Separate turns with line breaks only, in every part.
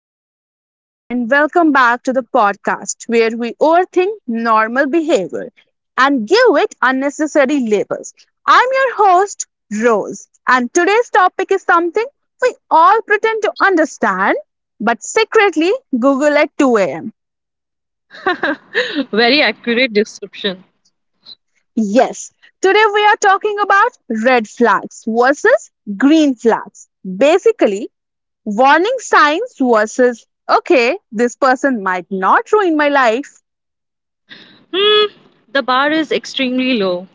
Hello, hello, hello, and welcome back to the podcast where we overthink normal behavior and give it unnecessary labels. I'm your host, Rose, and today's topic is something we all pretend to understand but secretly Google at 2 a.m.
Very accurate description.
Yes, today we are talking about red flags versus green flags. Basically, warning signs versus okay, this person might not ruin my life.
Hmm, the bar is extremely low.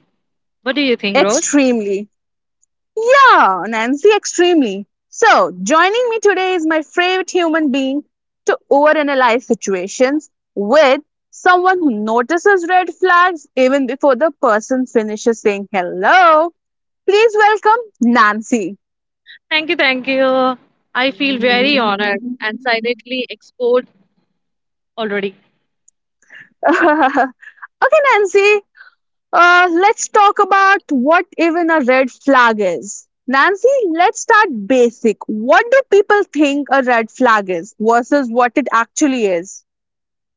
What do you think, Rose?
Extremely. Yeah, Nancy, extremely. So, joining me today is my favorite human being to overanalyze situations with, someone who notices red flags even before the person finishes saying hello. Please welcome Nancy.
Thank you, thank you. I feel very honored and silently export already.
Okay, Nancy, let's talk about what even a red flag is. Nancy, let's start basic. What do people think a red flag is versus what it actually is?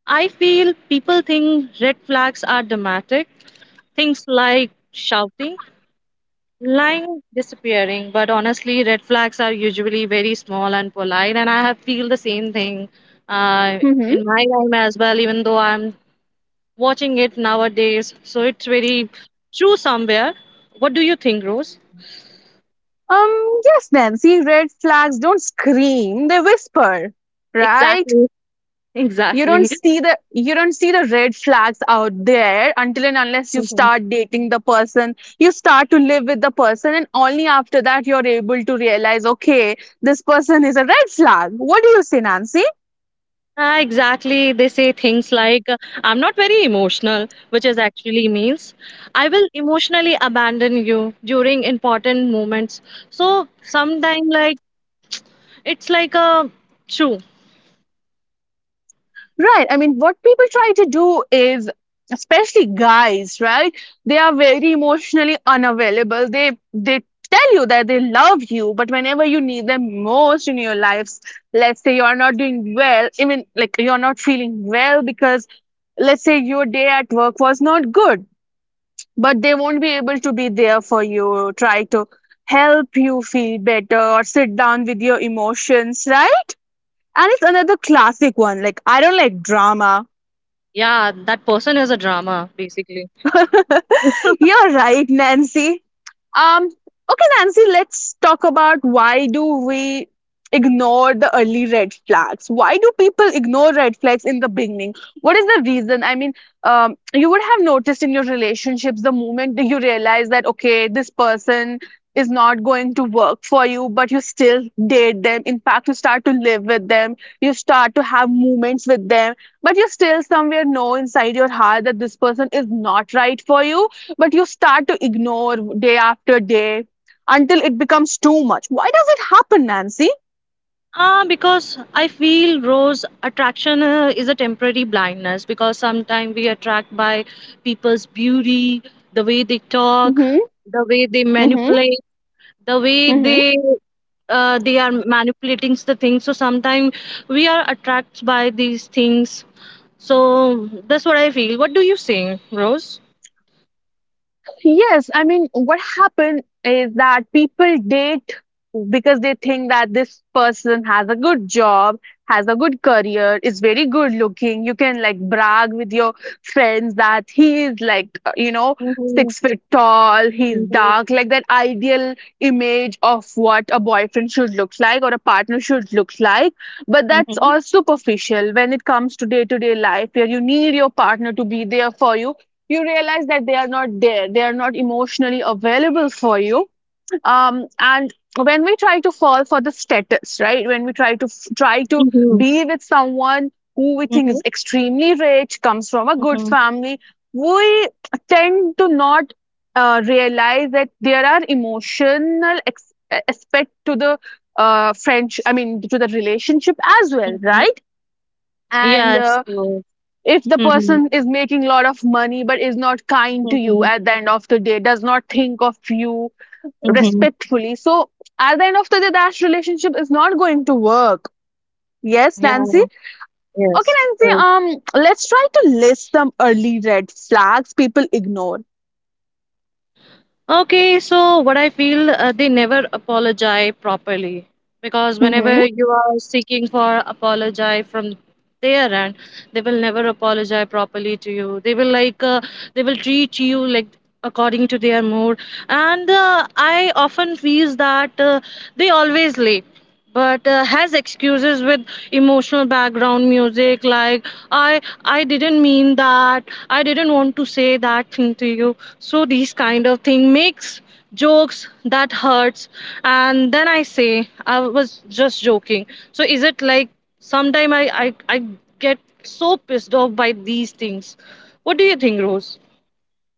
I feel people think red flags are dramatic. Things like shouting, lying, disappearing. But honestly, red flags are usually very small and polite. And I have feel the same thing uh,
hmm
in my time as well, even though I'm watching it nowadays. So it's very true somewhere. What do you think, Rose?
Yes, Nancy, red flags don't scream, they whisper, right?
Exactly. Exactly.
You don't see the red flags out there until and unless you
Mhm.
start dating the person, you start to live with the person, and only after that you're able to realize, okay, this person is a red flag. What do you say, Nancy?
Ah, exactly. They say things like, I'm not very emotional, which is actually means I will emotionally abandon you during important moments. So sometime like it's like a true.
Right. I mean, what people try to do is, especially guys, right? They are very emotionally unavailable. They tell you that they love you, but whenever you need them most in your lives, let's say you are not doing well, even like you're not feeling well because let's say your day at work was not good, but they won't be able to be there for you, try to help you feel better or sit down with your emotions, right? And it's another classic one. Like I don't like drama.
Yeah, that person is a drama, basically.
You're right, Nancy. Okay, Nancy, let's talk about why do we ignore the early red flags? Why do people ignore red flags in the beginning? What is the reason? I mean, you would have noticed in your relationships the moment that you realize that, okay, this person is not going to work for you, but you still date them. In fact, you start to live with them, you start to have moments with them, but you still somewhere know inside your heart that this person is not right for you, but you start to ignore day after day until it becomes too much. Why does it happen, Nancy?
Ah, because I feel Rose attraction is a temporary blindness because sometimes we attract by people's beauty, the way they talk,
Mm-hmm.
the way they
Mm-hmm.
manipulate, the way
Mm-hmm.
they are manipulating the things. So sometimes we are attracted by these things. So that's what I feel. What do you think, Rose?
Yes, I mean, what happened is that people date because they think that this person has a good job, has a good career, is very good looking. You can like brag with your friends that he is like, you know,
Mhm,
6 feet tall, he's
mhm,
dark, like that ideal image of what a boyfriend should look like or a partner should look like. But that's
mhm,
all superficial when it comes to day life where you need your partner to be there for you, you realize that they are not there, they are not emotionally available for you. And when we try to fall for the status, right, when we try to
mhm,
be with someone who we think
mhm,
is extremely rich, comes from a good
mhm,
family, we tend to not realize that there are emotional aspect to the french I mean to the relationship as well,
mhm.
right? and
Yes. Rose.
if the
Mhm,
person is making a lot of money but is not kind to you,
mhm,
at the end of the day does not think of you
mhm.
respectfully, so at the end of the day that relationship is not going to work. Yes,
Yeah,
Nancy. Okay,
yes,
Nancy,
I
let's try to list some early red flags people ignore.
Okay, so what I feel, they never apologize properly because whenever you are seeking for apologize from their end, they will never apologize properly to you. They will they will treat you like according to their mood, and I often feels that they always late. But has excuses with emotional background music like I didn't mean that I didn't want to say that thing to you, so these kind of thing makes jokes that hurts, and then I say I was just joking. So is it like sometime I get so pissed off by these things. What do you think, Rose?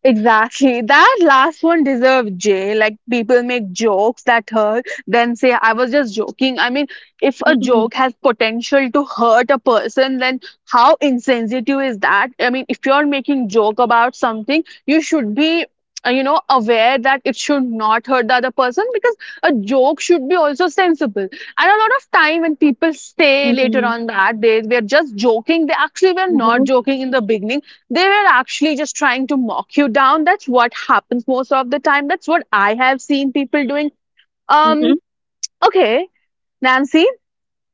Exactly. That last one deserved J. Like people make jokes that hurt, then say I was just joking. I mean, if a
Mm-hmm.
joke has potential to hurt a person, then how insensitive is that? I mean, if you're making joke about something, you should be you know, aware that it should not hurt the other person, because a joke should be also sensible, and a lot of time when people say later on that they were just joking, they actually were not
Mm-hmm.
joking in the beginning. They were actually just trying to mock you down. That's what happens most of the time. That's what I have seen people doing. Um, okay, Nancy,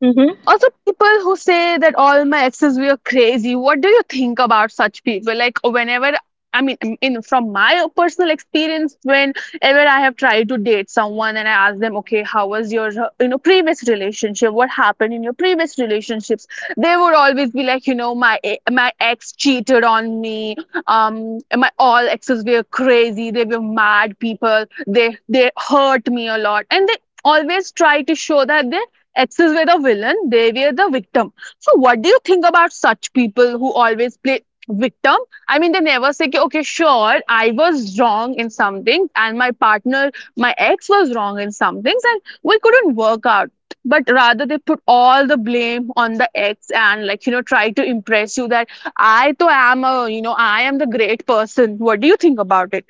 Hmm.
also, people who say that all my exes were crazy. What do you think about such people? Like, whenever I mean, from my personal experience, whenever I have tried to date someone and I ask them, okay, how was your you know, previous relationship? What happened in your previous relationships? They would always be like, you know, my ex cheated on me. Um, my all exes were crazy. They were mad people. They they hurt me a lot, and they always try to show that they X's were the villain, they were the victim. So, what do you think about such people who always play victim? I mean, they never say, "Ki, okay, sure, I was wrong in some things, and my partner, my ex, was wrong in some things, and we couldn't work out." But rather, they put all the blame on the ex and, like, you know, try to impress you that I to am a, you know, I am the great person. What do you think about it?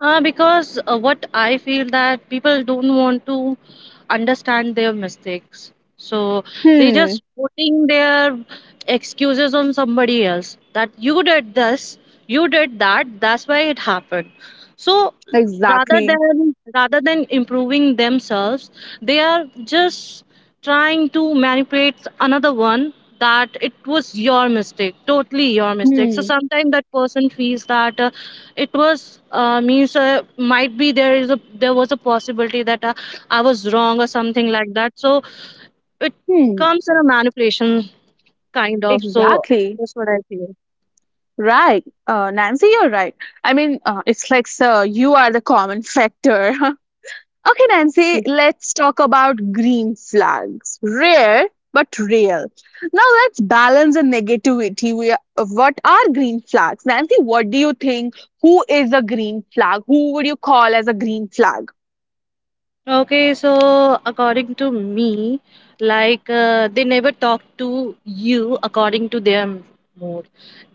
Because what I feel that people don't want to understand their mistakes. So they
Hmm,
just putting their excuses on somebody else, that you did this, you did that, that's why it happened. So rather
exactly.
than rather than improving themselves, they are just trying to manipulate another one, that it was your mistake, totally your mistake. So
Hmm,
sometimes that person feels that it was means might be there was a possibility that I was wrong or something like that, so it
hmm,
comes in a manipulation kind of. So
exactly.
that's what I feel.
Right, Nancy, you're right. I mean, it's like, sir, you are the common factor. Okay, Nancy,
Hmm.
let's talk about green flags. Rare, but real. Now let's balance the negativity. We are, what are green flags? Nancy, what do you think? Who is a green flag? Who would you call as a green flag?
Okay, so according to me, they never talk to you according to their mood.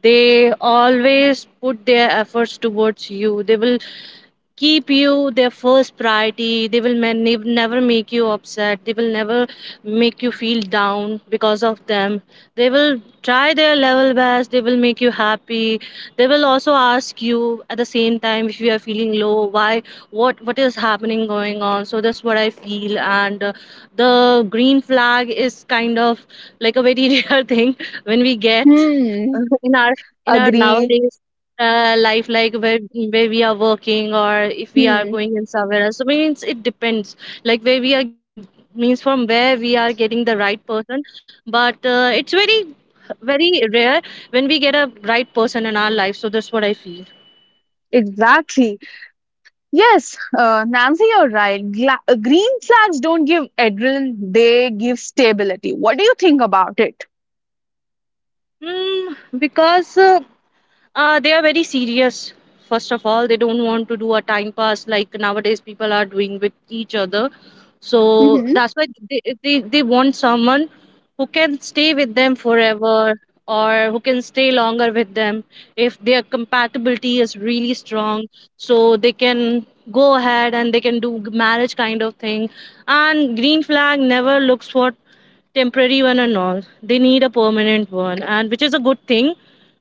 They always put their efforts towards you. They will keep you their first priority. They will never make you upset. They will never make you feel down because of them. They will try their level best. They will make you happy. They will also ask you at the same time if you are feeling low, why, what is happening, going on. So that's what I feel. And the green flag is kind of like a very rare thing when we get
Hmm,
in our in our
agree.
nowadays life, like where we are working or if we are
Hmm,
going in somewhere else. So means it depends. Like where we are, means from where we are getting the right person. But it's very rare when we get a right person in our life. So that's what I feel.
exactly. Yes, Nancy, you're right. Green flags don't give adrenaline, they give stability. What do you think about it?
Mm, because they are very serious. First of all, they don't want to do a time pass like nowadays people are doing with each other. So that's why they want someone who can stay with them forever, or who can stay longer with them if their compatibility is really strong. So they can go ahead and they can do marriage kind of thing. And green flag never looks for temporary one and all. They need a permanent one, and which is a good thing,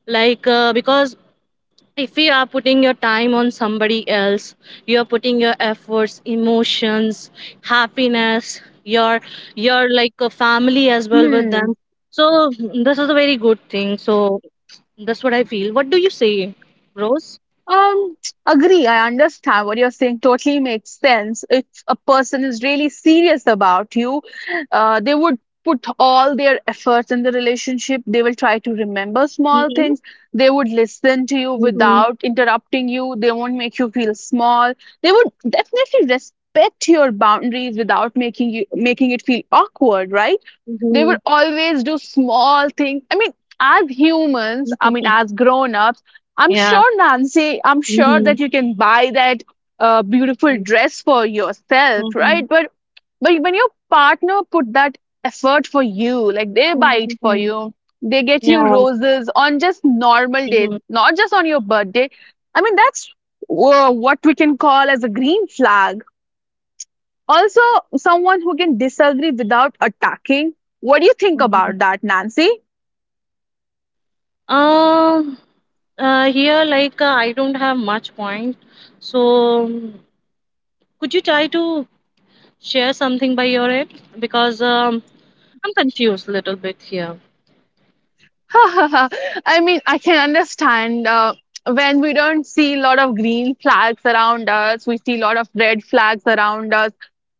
because if you are putting your time on somebody else, you are putting your efforts, emotions, happiness, your like a family as well with
Hmm.
them. So this is a very good thing. So that's what I feel. What do you say, Rose?
Um, Agree. I understand what you're saying. Totally makes sense. If a person is really serious about you, they would put all their efforts in the relationship. They will try to remember small
Mm-hmm.
things. They would listen to you
Mm-hmm.
without interrupting you. They won't make you feel small. They would definitely respect your boundaries without making it feel awkward, right? They
Mm-hmm.
would always do small things. I mean, as humans, I mean,
Mm-hmm.
as grown ups, I'm
Yeah,
sure, Nancy, I'm sure
mm-hmm.
that you can buy that beautiful dress for yourself,
Mm-hmm.
right? But when your partner put that effort for you, like they buy it for
Mm-hmm.
you, they get you
Yeah,
roses on just normal days,
mm-hmm.
not just on your birthday. I mean, that's what we can call as a green flag. Also, someone who can disagree without attacking. What do you think
Mm-hmm.
about that, Nancy?
Um, here, like, I don't have much point, so could you try to share something by your end? Because I'm confused a little bit here.
I mean, I can understand when we don't see a lot of green flags around us, we see a lot of red flags around us.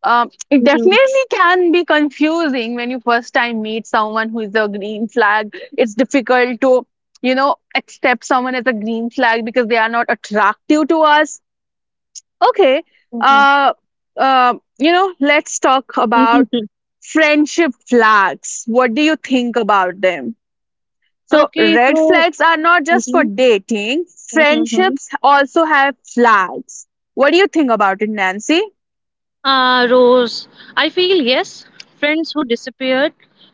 It
Mhm,
definitely can be confusing when you first time meet someone who is a green flag. It's difficult to, you know, accept someone as a green flag because they are not attractive to us. Okay.
mhm.
Uh, you know, let's talk about friendship flags. What do you think about them? So,
Okay,
red
so
flags are not just for
mhm,
dating,
mhm, mhm.
friendships also have flags. What do you think about it, Nancy?
Ah, Rose, I feel yes, friends who disappeared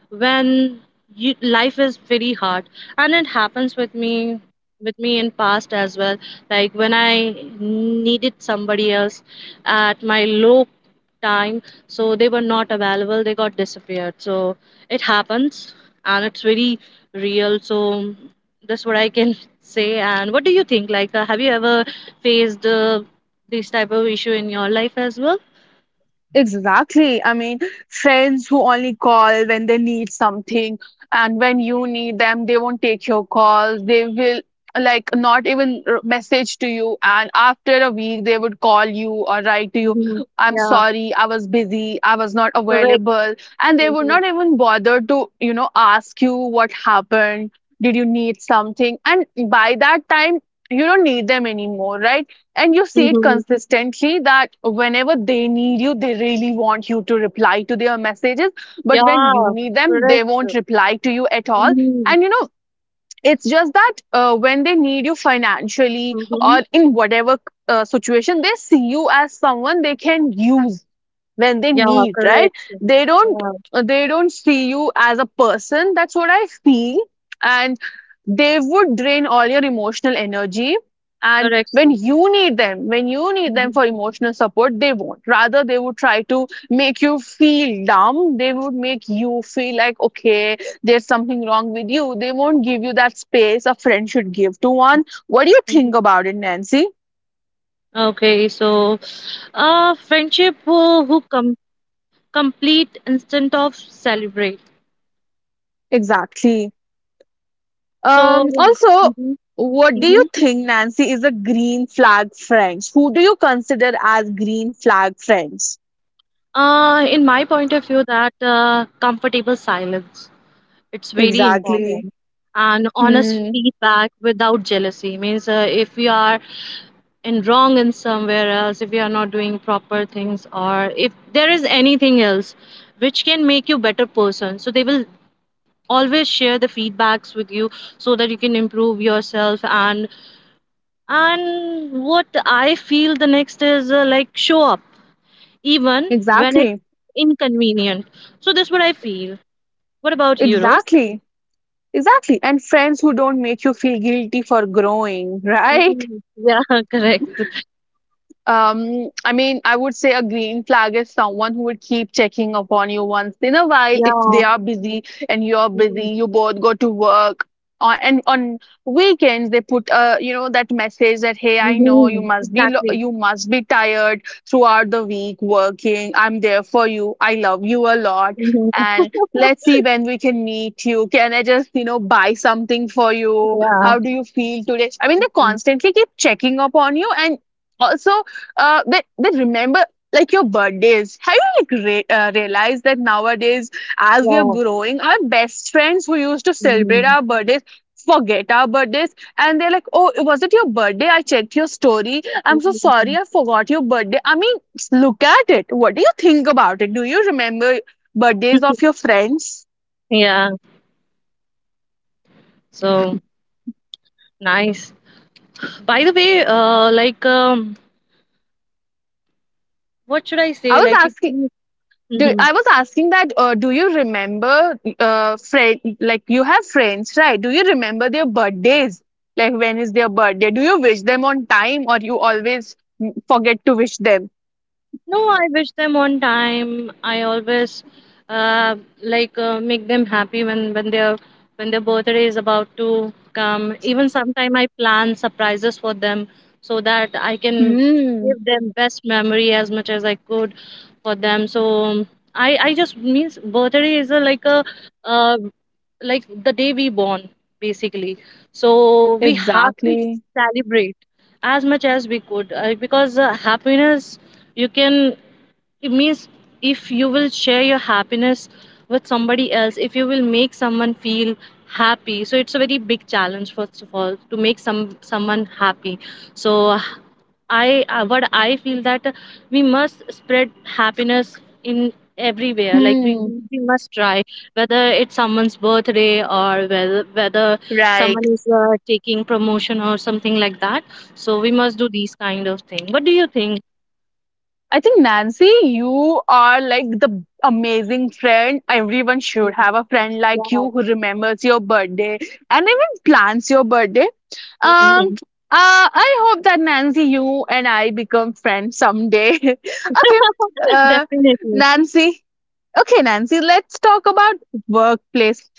when you, life is very hard, and it happens with me in past as well. Like when I needed somebody else at my low time, so they were not available, they got disappeared. So it happens, and it's very real. So that's what I can say. And what do you think? Like, have you ever faced this type of issue in your life as well?
Exactly. I mean, friends who only call when they need something, and when you need them, they won't take your calls. They will like not even message to you. And after a week, they would call you or write to you,
Mhm.
I'm
Yeah,
sorry, I was busy, I was not
correct.
available. And they would
Mhm.
not even bother to, you know, ask you what happened. Did you need something? And by that time, you don't need them anymore, right? And you see it
Mhm.
consistently that whenever they need you, they really want you to reply to their messages, but
Yeah,
when you need them they
correct.
won't reply to you at all.
Mhm.
And you know, it's just that when they need you financially
Mhm.
or in whatever situation, they see you as someone they can use when they
Yeah,
need, right?
correct.
They don't
Yeah,
they don't see you as a person, that's what I feel. And they would drain all your emotional energy, and
correct.
when
Sir.
you need them,
Mhm.
for
Mhm.
emotional support, they won't, rather they would try to make you feel dumb. They would make you feel like, okay, there's something wrong with you. They won't give you that space a friend should give to one. What do you think
Mhm.
about it, Nancy?
Okay, so friendship who, complete instant of celebrate.
Exactly.
So
Also,
mhm.
what do you
Mhm.
think, Nancy, is a green flag French? Who do you consider as green flag French?
In my point of view that comfortable silence, it's very
Exactly.
important. And honest
Hmm.
feedback without jealousy, means if you are and wrong in somewhere else, if you are not doing proper things, or if there is anything else which can make you better person, so they will always share the feedbacks with you so that you can improve yourself. And what I feel the next is like show up even when
Exactly.
it's inconvenient. So that's what I feel. What about you, Rose?
Exactly. Exactly. And friends who don't make you feel guilty for growing, right?
Mhm. Yeah, correct.
I mean, I would say a green flag is someone who would keep checking upon you once in a while if
Yeah,
they are busy and you're busy,
mhm.
you both go to work. On, and on weekends they put you know that message that hey, I know you
Mhm.
must be
Exactly.
you must be tired throughout the week working, I'm there for you, I love you a lot,
Mhm.
and let's see when we can meet. You can I just, you know, buy something for you?
Yeah,
How do you feel today? I mean, they
mhm.
constantly keep checking up on you. And also, uh, that remember like your birthdays. Have you like realized that nowadays, as we are
Yeah,
growing, our best friends who used to celebrate
mhm.
our birthdays forget our birthdays, and they're like, "Oh, was it your birthday? I checked your story. I'm so sorry, I forgot your birthday." I mean, look at it. What do you think about it? Do you remember birthdays of your friends?
Yeah, so nice. By the way, like, what should I
I
say?
was
Like, if
asking. I was asking that, do you remember, friend, like you have friends, right? Do you remember their birthdays? Like when is their birthday? Do you wish them on time or you always forget to wish them?
no, I wish them on time. I always uh, make them happy when when their birthday is about to come. Even sometime I plan surprises for them so that I can
Hmm,
give them best memory as much as I could for them. So I just means birthday is a uh, like the day we born basically. So we have to
exactly.
celebrate as much as we could, because happiness, you can, it means if you will share your happiness with somebody else, if you will make someone feel happy, so it's a very big challenge first of all to make someone happy. So I what I feel that we must spread happiness in everywhere, like
Hmm,
we must try whether it's someone's birthday or whether
right.
someone is taking promotion or something like that, so we must do these kind of thing. What do you think?
I think Nancy, you are like the amazing friend. Everyone should have a friend like
Yeah,
you who remembers your birthday and even plans your birthday. Um,
mhm.
I hope that Nancy, you and I become friends someday. Okay, uh,
Definitely.
Nancy. Okay, Nancy. Let's talk about workplace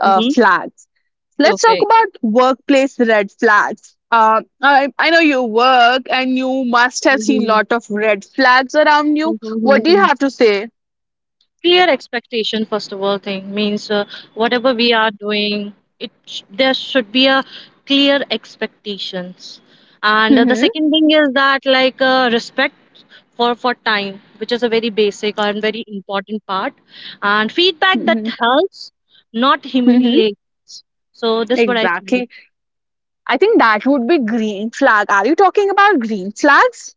Mm-hmm.
flags. Let's talk
Okay.
about workplace red flags. I know you work and you must have seen
Mm-hmm.
lot of red flags around you. What do you
Mm-hmm.
have to say?
Clear expectation, first of all, thing means whatever we are doing, there should be a clear expectations. And the
Mm-hmm.
second thing is that like respect for time, which is a very basic and very important part, and feedback that
Mm-hmm.
helps, not
Mm-hmm.
humiliates. So that's what I feel.
Exactly. I think that would be green flag. Are you talking about green flags?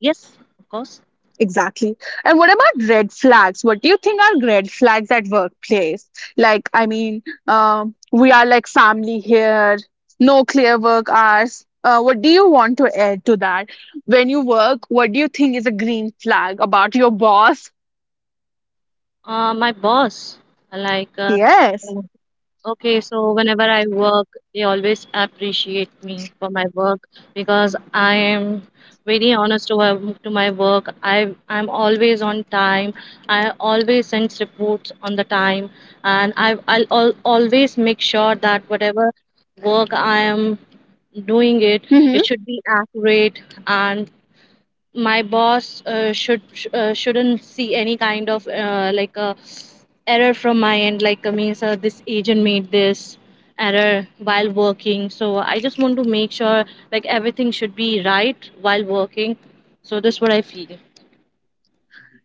Yes, of course.
Exactly. And what about red flags? What do you think are red flags at workplace? Like, I mean, we are like family here, no clear work hours. What do you want to add to that? When you work, what do you think is a green flag about your boss?
My boss, like,
Yes.
okay, so whenever I work, they always appreciate me for my work because I am very honest to, my work. I I'm always on time. I always send reports on the time, and I'll always make sure that whatever work I am doing it,
Mm-hmm.
it should be accurate and my boss shouldn't see any kind of like a error from my end, like means this agent made this error while working. So I just want to make sure like everything should be right while working. So that's what I feel.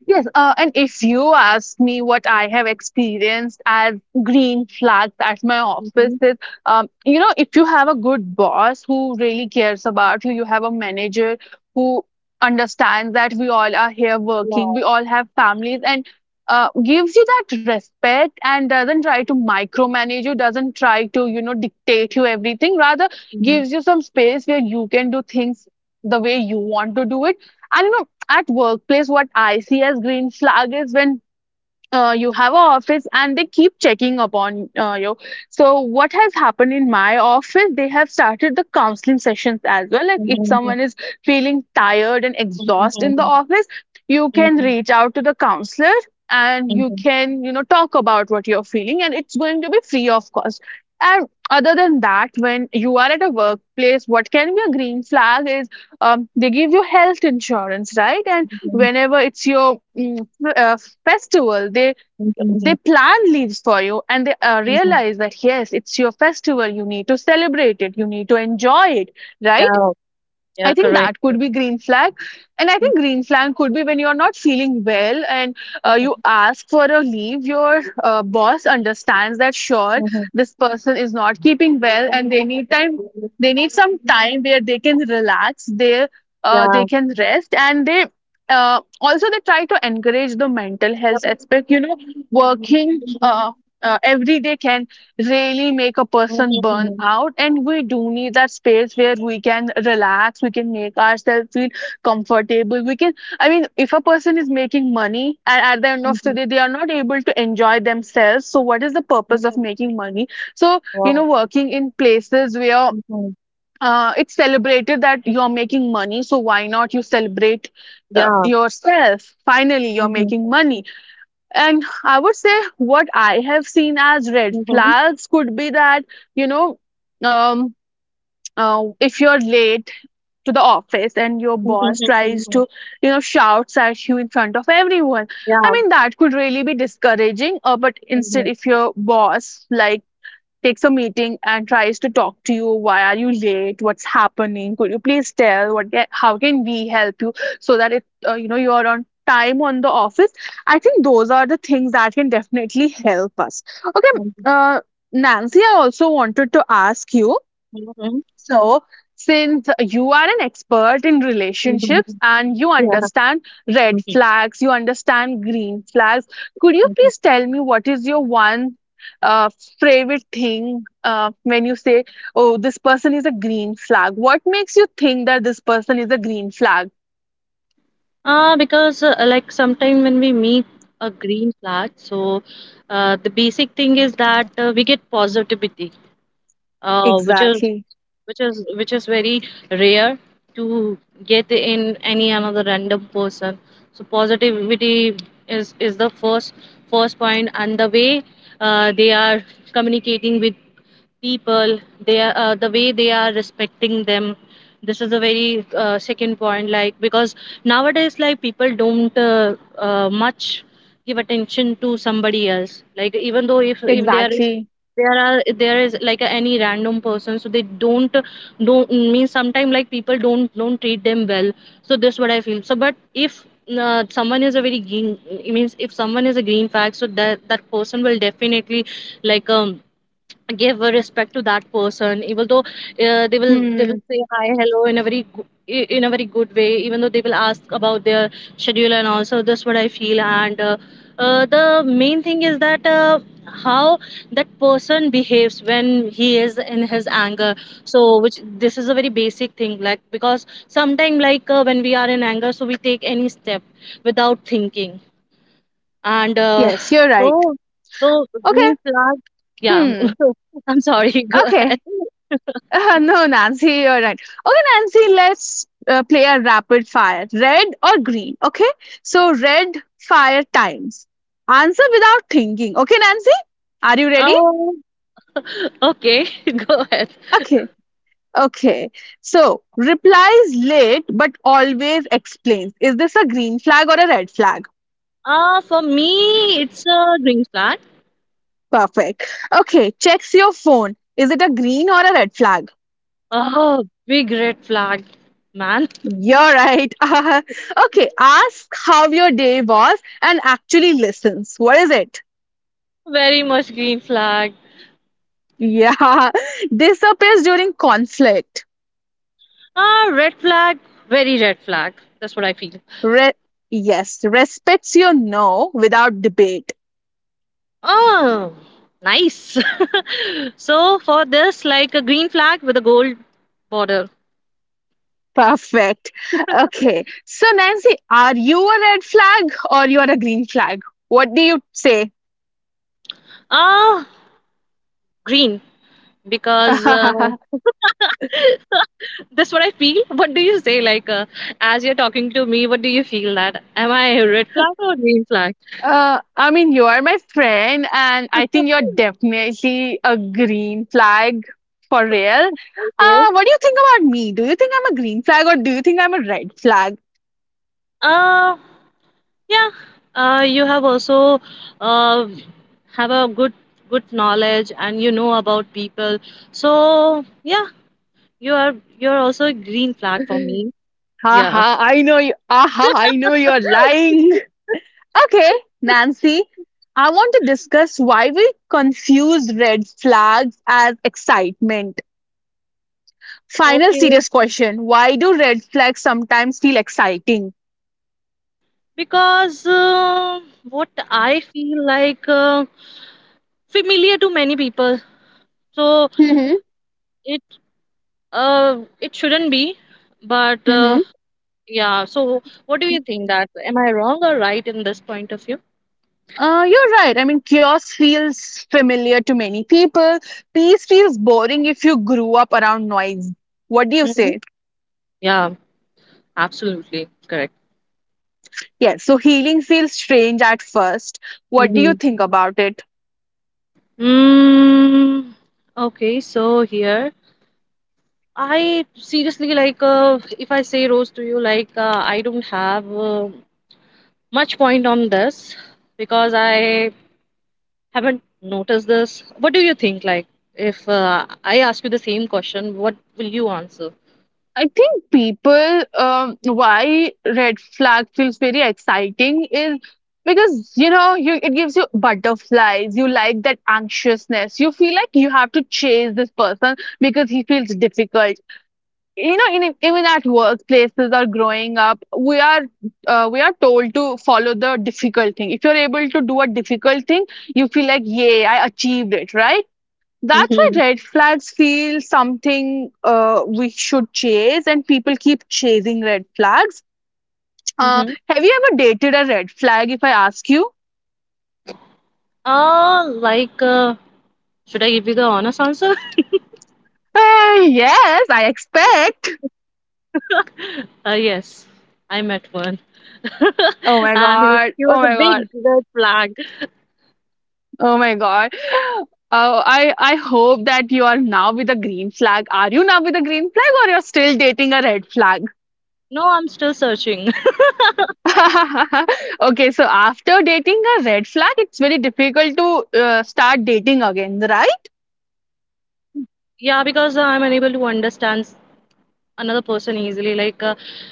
Yes, and if you ask me what I have experienced as green flags at my office
Mhm.
is, you know, if you have a good boss who really cares about you, you have a manager who understands that we all are here
Yeah.
working, we all have families, and gives you that respect and doesn't try to micromanage you, doesn't try to, you know, dictate you everything, rather
Mhm.
gives you some space where you can do things the way you want to do it. And you know, at workplace, what I see as green flag is when you have an office and they keep checking upon you. So, what has happened in my office? They have started the counseling sessions as well. Like, if
Mhm.
someone is feeling tired and exhausted in the
Mhm.
office, you can
Mhm.
reach out to the counselor and you
Mhm.
can, you know, talk about what you're feeling, and it's going to be free of cost. And other than that, when you are at a workplace, what can be a green flag is, they give you health insurance, right? And
Mhm.
whenever it's your uh, festival, they
Mhm.
plan leaves for you, and they
Mhm.
realize that yes, it's your festival, you need to celebrate it, you need to enjoy it, right?
Yeah,
I
yeah,
think
correct.
that could be green flag, and I
Mhm.
think green flag could be when you're not feeling well and you ask for a leave. Your boss understands that sure, this person is not keeping well
Mhm.
and they need time. They need some time where they can relax.
Yeah,
They can rest and they. Also, they try to encourage the mental health aspect. You know, working every day can really make a person burn
mhm.
out, and we do need that space where we can relax, we can make ourselves feel comfortable, we can. I mean, if a person is making money and at the end of the
Mhm.
day they are not able to enjoy themselves, so what is the purpose of
Mhm.
making money? So you
Wow.
know, working in places where
Mhm.
it's celebrated that you're making money, so why not you celebrate
Yeah.
yourself, finally you're
Mhm.
making money. And I would say what I have seen as red
Mhm.
flags could be that, you know, um, if you're late to the office and your
Mhm.
boss tries
Mhm.
to, you know, shouts at you in front of everyone, I
Yeah.
mean, that could really be discouraging. But instead,
Mhm.
if your boss, like, takes a meeting and tries to talk to you, why are you late, what's happening, could you please tell, how can we help you, so that it you know, you are on time on the office. I think those are the things that can definitely help us. Okay,
Mhm.
uh, Nancy, I also wanted to ask you,
Mhm.
so, since you are an expert in
Mhm.
relationships and you
Yeah.
understand red
Mhm.
flags, you understand green flags, could you
Mhm.
please tell me what is your one uh, favorite thing when you say, oh, this person is a green flag? What makes you think that this person is a green flag?
Because like sometime when we meet a green flag, so the basic thing is that we get positivity, uh, which is
Exactly.
which is very rare to get in any another random person. So positivity is the first point, and the way they are communicating with people, they are the way they are respecting them. This is a very second point, like because nowadays like people don't much give attention to somebody else. Like even though if there is
Exactly.
there is like any random person, so they don't mean. Sometimes like people don't treat them well, so this what I feel. So but if someone is a very green, it means if someone is a green flag, so that person will definitely like give a respect to that person. Even though they will
Hmm.
say hi hello in a very in a very good way. Even though they will ask about their schedule and also, that's what I feel. And the main thing is that how that person behaves when he is in his anger. So which this is a very basic thing, like because sometimes like when we are in anger, so we take any step without thinking. And
Yes, you're right.
so, so
Okay.
green flag. Yeah.
Hmm.
I'm sorry. Go ahead.
Okay. No, Nancy, you're right. Okay, Nancy, let's play a rapid fire. Red or green? Okay. So, red fire times. Answer without thinking. Okay, Nancy? Are you ready?
Oh, okay. Go ahead.
Okay. Okay. So, replies late but always explains. Is this a green flag or a red flag?
Uh, for me, it's a green flag.
Perfect. Okay. Checks your phone. Is it a green or a red flag?
Oh, big red flag, man.
You're right. Okay. Ask how your day was and actually listens. What is it?
Very much green flag.
Yeah, disappears during conflict.
Ah, red flag. Very red flag. That's what I feel.
Re- yes, respects your no without debate.
Oh, nice. So for this, like a green flag with a gold border.
Perfect. Okay, so Nancy, are you a red flag or you are a green flag? What do you say?
Ah, green. Because that's what I feel. What do you say? Like, as you're talking to me, what do you feel that? Am I a red flag or green flag?
I mean, you are my friend, and I think you're definitely a green flag for real.
Okay.
What do you think about me? Do you think I'm a green flag or do you think I'm a red flag?
Uh, yeah. You have also uh, have a good knowledge and you know about people. So yeah, you're also a green flag for me. Yeah.
Haha, I know you. Aha, I know you're lying. Okay, Nancy, I want to discuss why we confuse red flags as excitement. Final
Okay.
serious question: why do red flags sometimes feel exciting?
because what I feel like familiar to many people. So
Mm-hmm.
it, uh, it shouldn't be. But
Mm-hmm.
yeah, so what do you think that am I wrong or right in this point of view?
You're right. I mean, chaos feels familiar to many people. Peace feels boring if you grew up around noise. What do you
Mhm.
say?
Yeah, absolutely correct.
Yes, so healing feels strange at first. What do you
Hmm.
think about it?
mm, okay, so here I seriously like, if I say rose to you, like I don't have much point on this because I haven't noticed this. What do you think? Like, if I ask you the same question, what will you answer?
I think people, why red flag feels very exciting is because you know, you it gives you butterflies. You like that anxiousness. You feel like you have to chase this person because he feels difficult. You know, even at workplaces or growing up, we are we are told to follow the difficult thing. If you're able to do a difficult thing, you feel like yay, I achieved it, right? That's why
Mm-hmm.
red flags feel something we should chase, and people keep chasing red flags.
Mm-hmm.
Have you ever dated a red flag, if I ask you?
Like, should I give you the honest answer?
Yes, I expect.
Yes, I met one.
Oh my
And
god.
he was
Oh
a
my god.
big red flag.
Oh my god. Oh, I hope that you are now with a green flag. Are you now with a green flag or you're still dating a red flag?
No, I'm still searching.
Okay, so after dating a red flag, it's very difficult to start dating again, right?
Yeah, because I'm unable to understand another person easily. Like uh,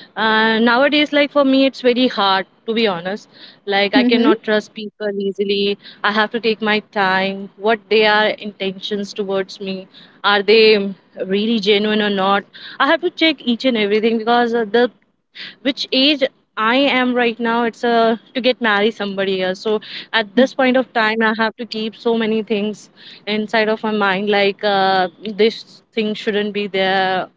uh, nowadays like for me, it's very hard to be honest. Like I cannot trust people easily. I have to take my time. What their intentions towards me, are they really genuine or not? I have to check each and everything because the which age I am right now, it's a to get marry somebody else. So at this point of time, I have to keep so many things inside of my mind, like this thing shouldn't be there,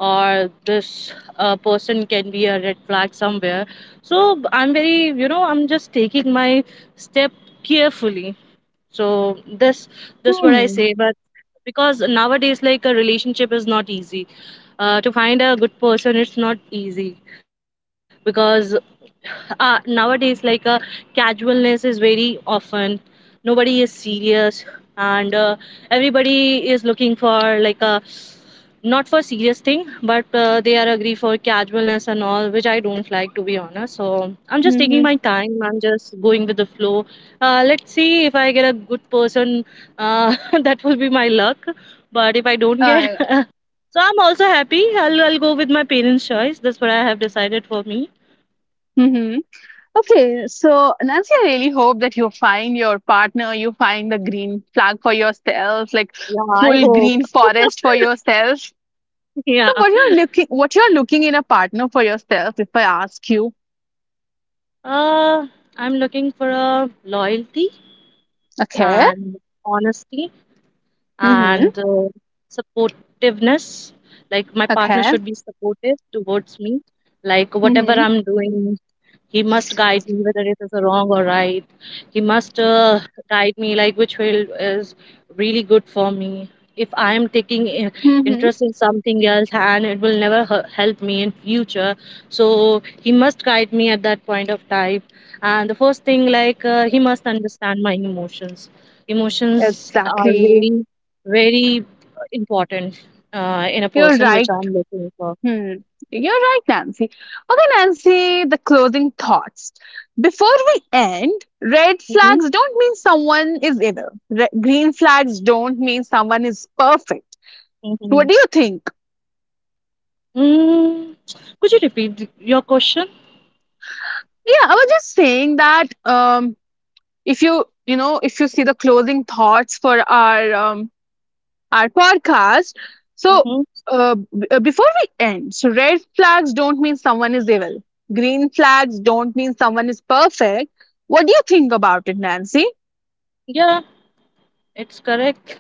or this person can be a red flag somewhere. So I'm very, you know, I'm just taking my step carefully. So this what I
Hmm.
say. But because nowadays like a relationship is not easy, to find a good person it's not easy because nowadays like, casualness is very often. Nobody is serious. And everybody is looking for like a not for serious thing, but they are agree for casualness and all, which I don't like, to be honest. So I'm just taking
Mm-hmm.
my time, I'm just going with the flow. Uh, let's see if I get a good person. Uh, that will be my luck. But if I don't get,
Uh,
so I'm also happy. I'll go with my parents choice. That's what I have decided for me.
mm-hmm. Okay, so Nancy, I really hope that you find your partner, you find the green flag for yourself, like
Yeah, I
full
hope.
green forest for yourself.
Yeah.
So what you're looking, what you're looking in a partner for yourself, if I ask you.
Uh, I'm looking for a loyalty
Okay.
and honesty,
Mm-hmm.
and supportiveness. Like my partner
Okay.
should be supportive towards me. Like whatever
Mm-hmm.
I'm doing, he must guide me whether it is wrong or right. He must, guide me like which field is really good for me. If I am taking
Mm-hmm.
interest in something else and it will never help me in future, so he must guide me at that point of time. And the first thing, like, he must understand my emotions. Emotions are
Exactly.
very, very important in a
You're
person which
right.
I'm looking for.
Hmm. You're right, Nancy. Okay, Nancy, the closing thoughts. Before we end, red flags don't mean someone is evil. Green flags don't mean someone is perfect. What
Mhm.
do you think?
Mm, could you repeat your question?
Yeah, I was just saying that if you, you know, if you see the closing thoughts for our podcast. So,
Hmm.
before we end, so red flags don't mean someone is evil. Green flags don't mean someone is perfect. What do you think about it, Nancy?
Yeah, it's correct.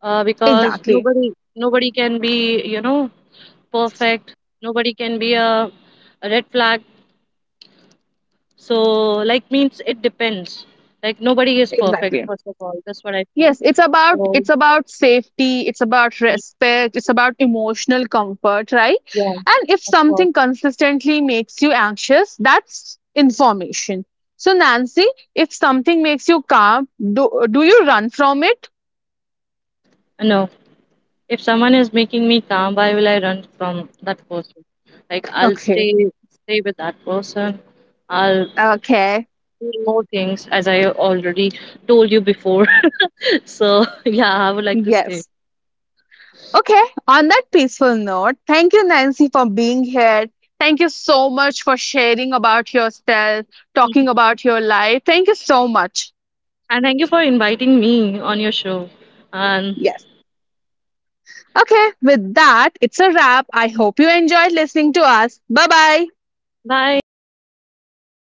Because
Exactly.
nobody can be, you know, perfect. Nobody can be a red flag. So like means it depends. Like nobody is perfect.
Exactly.
First of all, that's what I feel.
Yes, it's about,
So
it's about safety, it's about respect, it's about emotional comfort, right?
yeah,
And if
of course.
something consistently makes you anxious, that's information. So Nancy, if something makes you calm, do you run from it?
No, if someone is making me calm, why will I run from that person? Like I'll
Okay.
stay with that person. I'll
Okay.
more things, as I already told you before. So yeah, I would like to stay.
Yes. Okay. On that peaceful note, thank you, Nancy, for being here. Thank you so much for sharing about yourself, talking about your life. Thank you so much.
And thank you for inviting me on your show. And
Yes. Okay. With that, it's a wrap. I hope you enjoyed listening to us. Bye bye.
bye.